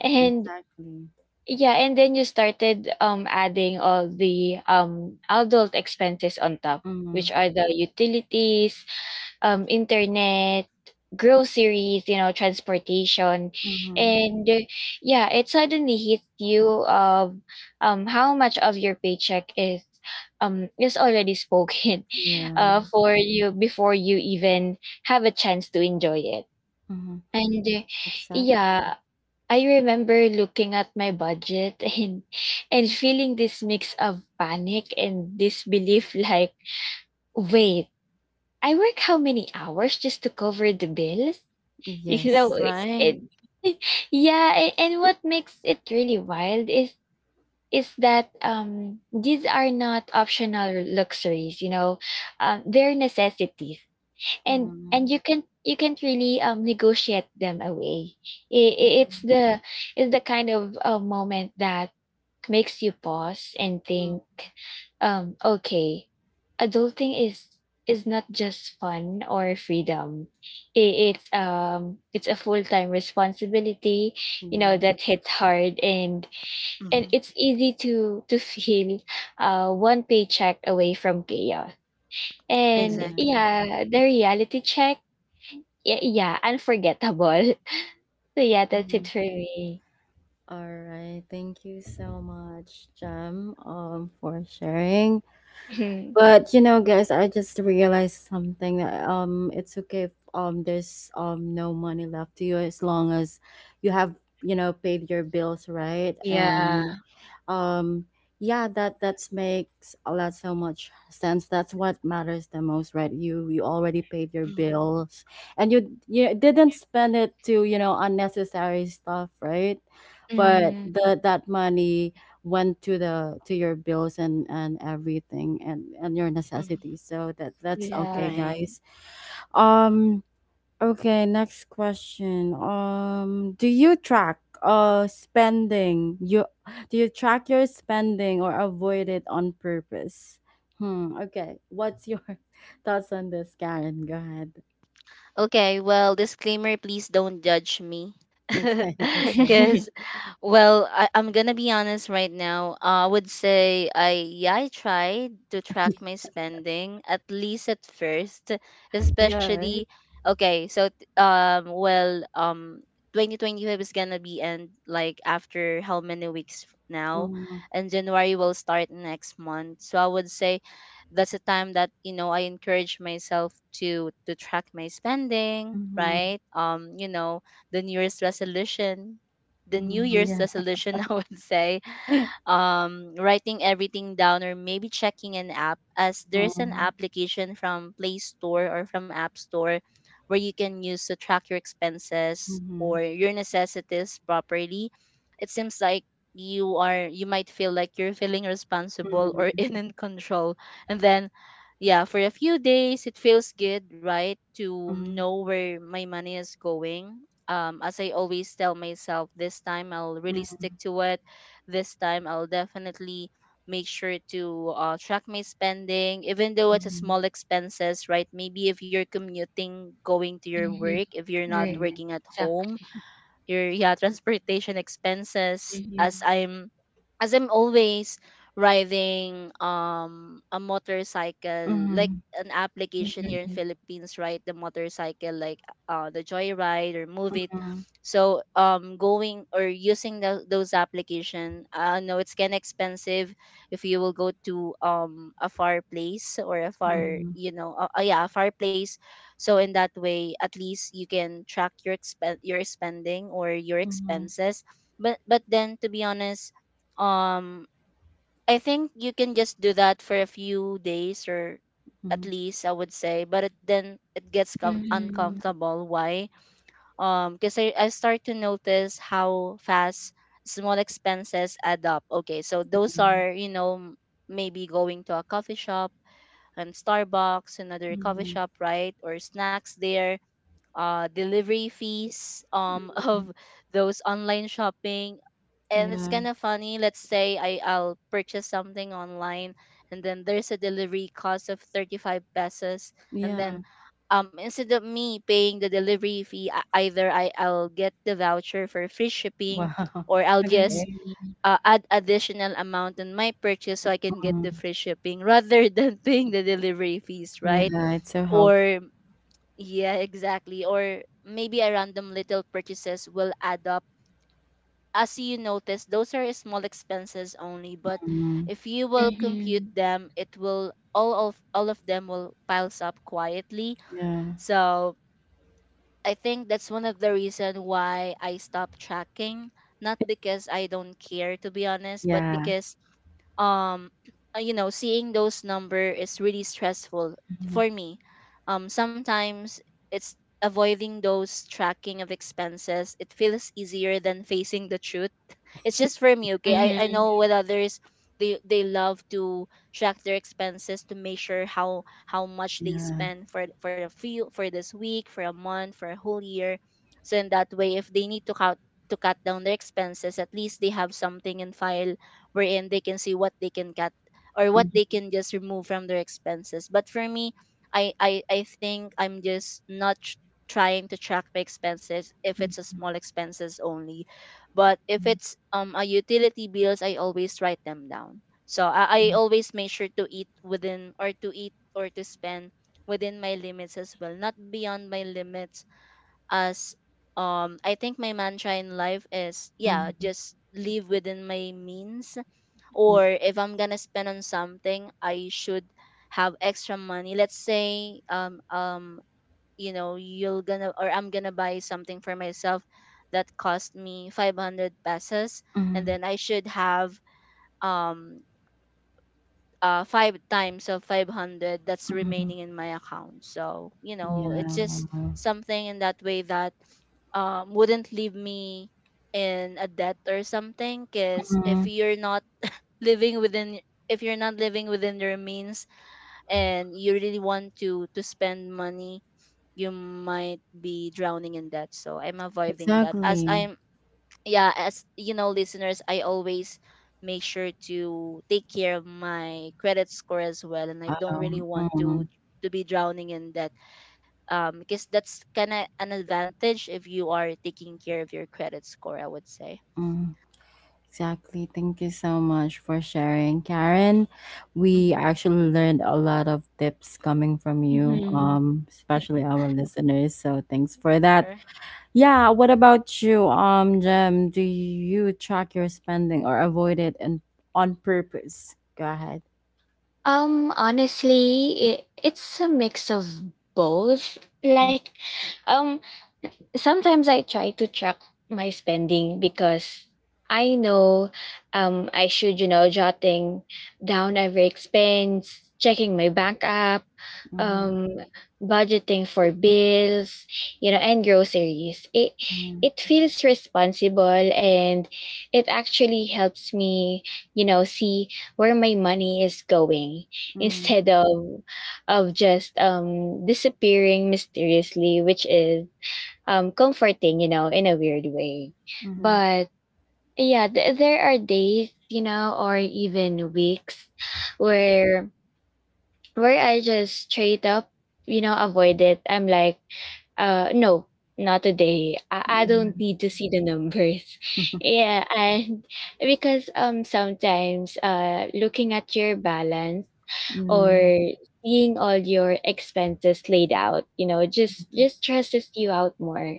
And exactly. yeah, and then you started um adding all the um adult expenses on top, Mm-hmm, which are the utilities, um internet, groceries, you know, transportation. mm-hmm, And uh, yeah, it suddenly hits you of um how much of your paycheck is um is already spoken yeah. uh for, you before you even have a chance to enjoy it. Mm-hmm, And uh, exactly. yeah, I remember looking at my budget and and feeling this mix of panic and disbelief, like wait, I work how many hours just to cover the bills? You Yes. know, it, Right. it- yeah, a- and what makes it really wild is is that um these are not optional luxuries, you know. Um they're necessities, and Mm-hmm, and you can you can't really um negotiate them away. It it's mm-hmm, the it's the kind of uh, moment that makes you pause and think, um okay, adulting is is not just fun or freedom. It it's um it's a full-time responsibility, you know, yeah, that hits hard. And and Hmm. it's easy to to feel uh one paycheck away from chaos. And yeah. Exactly. yeah, the reality check, yeah, yeah, unforgettable. So yeah, that's it for me. All right, thank you so much, Jem, um, for sharing. Mhm. But you know, guys, I just realized something. Um, it's okay if um there's um no money left to you, as long as you have, you know, paid your bills, right? Yeah. And um yeah, that that makes a lot so much sense. That's what matters the most, right? You you already paid your Hmm. bills, and you you didn't spend it to, you know, unnecessary stuff, right? But Mm, the that money went to the to your bills and and everything and and your Hmm. necessities, so that that's yeah. okay, Right. guys. um okay, next question. Um do you track uh spending you do you track your spending or avoid it on purpose? Hmm, okay, what's your thoughts on this, Karen? Go ahead. Okay, well, disclaimer, please don't judge me Okay. Okay. because, well, I, I'm gonna be honest right now. Uh, I would say I yeah I tried to track my spending at least at first, Yeah, especially, right. okay. So t- um well um twenty twenty-five is gonna be end like after how many weeks f- now, Mm-hmm, and January will start next month. So I would say that's a time that you know I encourage myself to to track my spending, mm-hmm, right? Um, you know, the nearest resolution, the New mm-hmm, Year's yeah. resolution, I would say, um, writing everything down, or maybe checking an app, as there's an Mm-hmm, application from Play Store or from App Store where you can use to track your expenses mm-hmm. or your necessities properly. It seems like you are, you might feel like you're feeling responsible or Mm-hmm. in in control, and then yeah, for a few days it feels good, right, to know where my money is going. Um, as I always tell myself, this time I'll really stick Mhm, to it, this time I'll definitely make sure to uh, track my spending, even though it's a mhm, small expenses, right? Maybe if you're commuting, going to your work, if you're not mhm. working at So, home, your, yeah, transportation expenses, as mhm, i'm as i'm always riding um a motorcycle, like Mhm, an application here in Philippines, right? The motorcycle, like, uh the Joyride or Move It. So um going or using the those application, I know it's kind of expensive if you will go to um a far place, or a far, mhm, you know uh, uh, yeah, a far place. So in that way, at least you can track your expen- your spending or your mhm, expenses. But but then, to be honest, um I think you can just do that for a few days, or mhm, at mhm. least I would say, but it, then it gets com- mhm, uncomfortable. Why? Um, because I, I start to notice how fast small expenses add up. Okay, so those Yeah. are you know m- maybe going to a coffee shop and Starbucks, another Mhm, coffee mhm. shop, right, or snacks there, uh, delivery fees, um, of those online shopping. And it's Yeah. kind of funny. Let's say I, I'll purchase something online, and then there's a delivery cost of thirty-five pesos. And Yeah. then um, instead of me paying the delivery fee, I- either I, I'll get the voucher for free shipping, Wow. or I'll just mm, Okay. uh, add additional amount on my purchase so I can get Mm. the free shipping rather than paying the delivery fees, Yeah, right? it's so helpful. Or, yeah, exactly. Or maybe a random little purchases will add up. As you notice, those are small expenses only, but Mm. if you will compute mhm, them, it will all of all of them will piles up quietly. Yeah. So I think that's one of the reason why I stopped tracking. Not because I don't care, to be honest, but Yeah. because um uh, you know seeing those number is really stressful Mhm. for me. Um sometimes it's avoiding those tracking of expenses, it feels easier than facing the truth. It's just for me, okay. I, I mhm, know with others, they they love to track their expenses, to measure how how much they Yeah. spend, for for a few, for this week, for a month, for a whole year. So in that way, if they need to cut to cut down their expenses, at least they have something in file wherein they can see what they can cut, or what Mhm, they can just remove from their expenses. But for me, I I, I think I'm just not tr- trying to track my expenses if it's a mhm, small expenses only. But if it's um a utility bills, I always write them down. So I, I always make sure to eat within, or to eat, or to spend within my limits as well, not beyond my limits, as um I think my mantra in life is, mhm, yeah, mhm, just live within my means. Or if I'm gonna spend on something, I should have extra money. Let's say, um um you know you're gonna or I'm gonna buy something for myself that cost me five hundred pesos, and mhm, then I should have um uh five times of five hundred that's mhm, mhm. remaining in my account. So you know it's Yeah. just Wow. something in that way that um wouldn't leave me in a debt or something. Because if Mhm. you're not living within if you're not living within your means, and you really want to to spend money, you might be drowning in debt. So I'm avoiding that, as Exactly. I'm yeah, as you know, listeners, I always make sure to take care of my credit score as well, and I don't really Wow. want to Mm. to be drowning in debt, um because that's kind of an advantage if you are taking care of your credit score, I would say. Mm. Exactly, thank you so much for sharing, Karen. We Mhm. actually learned a lot of tips coming from you, mhm. um, especially our listeners. So thanks for that. Sure. Yeah, what about you, um, Jem? Do you track your spending or avoid it and on purpose? Go ahead. Um, honestly, it, it's a mix of both. Like, um, sometimes I try to track my spending because I know, um, I should, you know, jotting down every expense, checking my bank app, Mm-hmm, um budgeting for bills, you know, and groceries. it mm-hmm, It feels responsible, and it actually helps me, you know, see where my money is going instead of of just um disappearing mysteriously, which is um comforting, you know, in a weird way. mm-hmm, But yeah, th- there are days, you know, or even weeks where where I just straight up, you know, avoid it. I'm like, uh, no, not today. I, I don't mm-hmm, need to see the numbers. Yeah, and because um sometimes uh looking at your balance yeah, or seeing all your expenses laid out, you know, just just stresses you out more,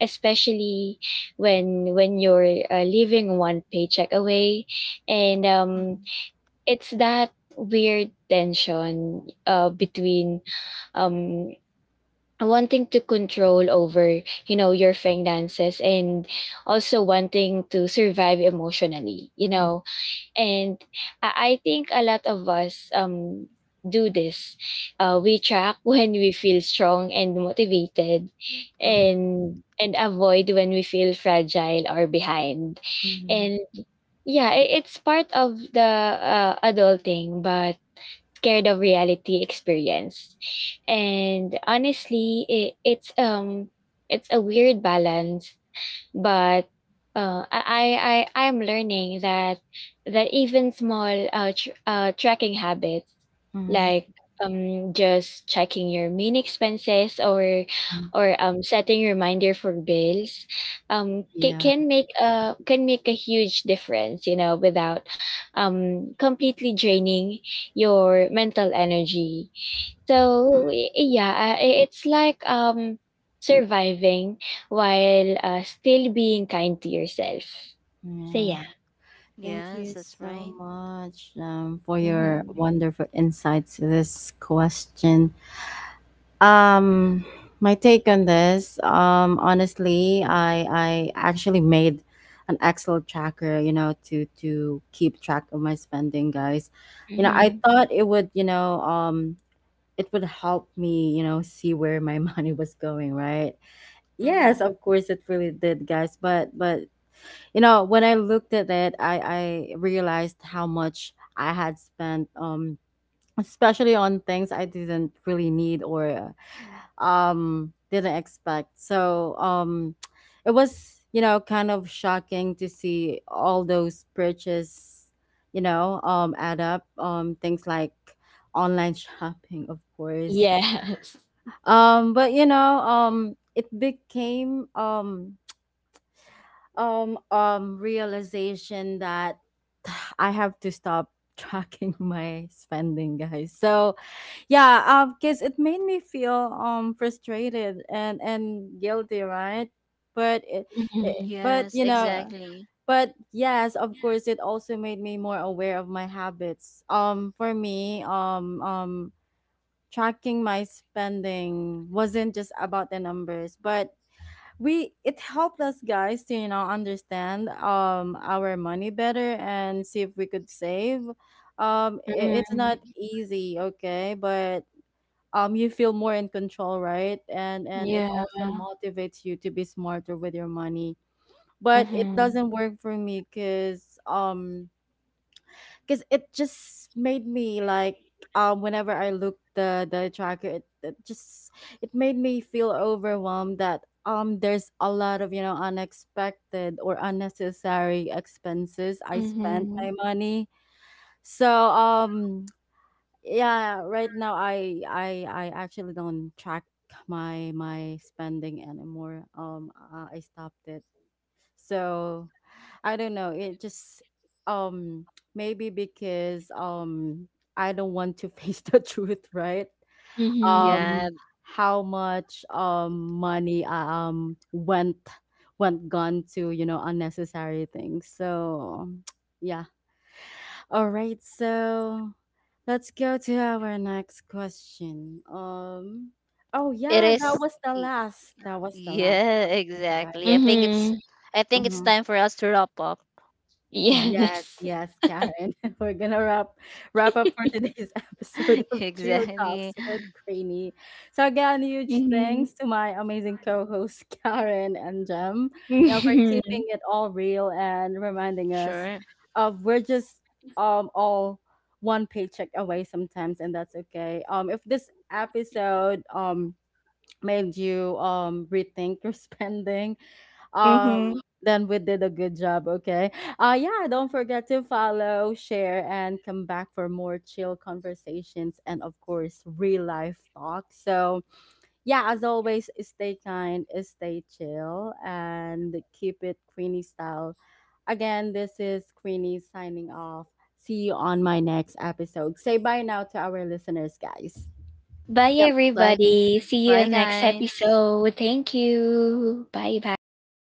especially when when you're uh, living one paycheck away. And um it's that weird tension uh, between um wanting to control over, you know, your finances, and also wanting to survive emotionally, you know. And i, I think a lot of us um do this. Uh, we track when we feel strong and motivated, Mm-hmm. and and avoid when we feel fragile or behind. mm-hmm, mm-hmm, And yeah, i- it's part of the uh, adulting, but scared of reality experience. And honestly, it, it's um it's a weird balance, but uh, I, I I I'm learning that that even small uh, tr- uh tracking habits mm-hmm, mm-hmm. like um just checking your main expenses, or or um setting reminder for bills, um ca- Yeah. can make a can make a huge difference, you know, without um completely draining your mental energy. So y- yeah, uh, i- it's like um surviving while uh, still being kind to yourself. So Yeah. yeah. Thank Yes, you that's so right. much, um, for your Hmm. wonderful insights to this question. Um, my take on this, um, honestly, I I actually made an Excel tracker, you know, to to keep track of my spending, guys. You know, I Hmm. thought it would, you know, um, it would help me, you know, see where my money was going, right? Yes, Mm-hmm. of course, it really did, guys. But but you know, when i looked at it, i i realized how much I had spent, um especially on things I didn't really need or uh, um didn't expect. So um it was, you know, kind of shocking to see all those purchases, you know, um add up, um things like online shopping, of course. Yes. Um but you know, um it became um um um realization that I have to stop tracking my spending, guys. So yeah, um because it made me feel um frustrated and and guilty, right? But it, it but Yes, you know, exactly. but yes, of course it also made me more aware of my habits. Um for me, um um tracking my spending wasn't just about the numbers, but we it helped us, guys, to, you know, understand um our money better and see if we could save. Um i- it's not easy, okay, but um you feel more in control, right? and and it also motivates you to be smarter with your money. But it doesn't work for me, because um because it just made me like, um whenever I looked the the tracker, it, it just, it made me feel overwhelmed that um there's a lot of, you know, unexpected or unnecessary expenses I spent my money. So um yeah, right now I I I actually don't track my my spending anymore. Um I I stopped it. So I don't know, it just, um maybe because, um I don't want to face the truth, right? Um Yeah, how much um money um went went gone to, you know, unnecessary things. So yeah. All right, so let's go to our next question. Um oh it yeah, is. that was the y- last. That was the last Yeah, question, exactly. I guys. think it's. Hmm. I think it's Mm-hmm. time for us to wrap up. Yes, Yes. yes, Karen. We're gonna wrap wrap up for today's episode of Chill Exactly. Talks with Cranny. So again, huge thanks to my amazing co-hosts Karen and Jem, you know, for Mhm. keeping it all real and reminding us Sure. of we're just um all one paycheck away sometimes, and that's okay. Um, if this episode um made you um rethink your spending, um, then we did a good job, okay? Uh yeah, don't forget to follow, share, and come back for more chill conversations and of course real life talk. So yeah, as always, stay kind, stay chill, and keep it Queenie style. Again, this is Queenie signing off. See you on my next episode. Say bye now to our listeners, guys. Bye Yep. Bye. g- everybody. See you Bye, next guys. episode. Thank you. Bye bye.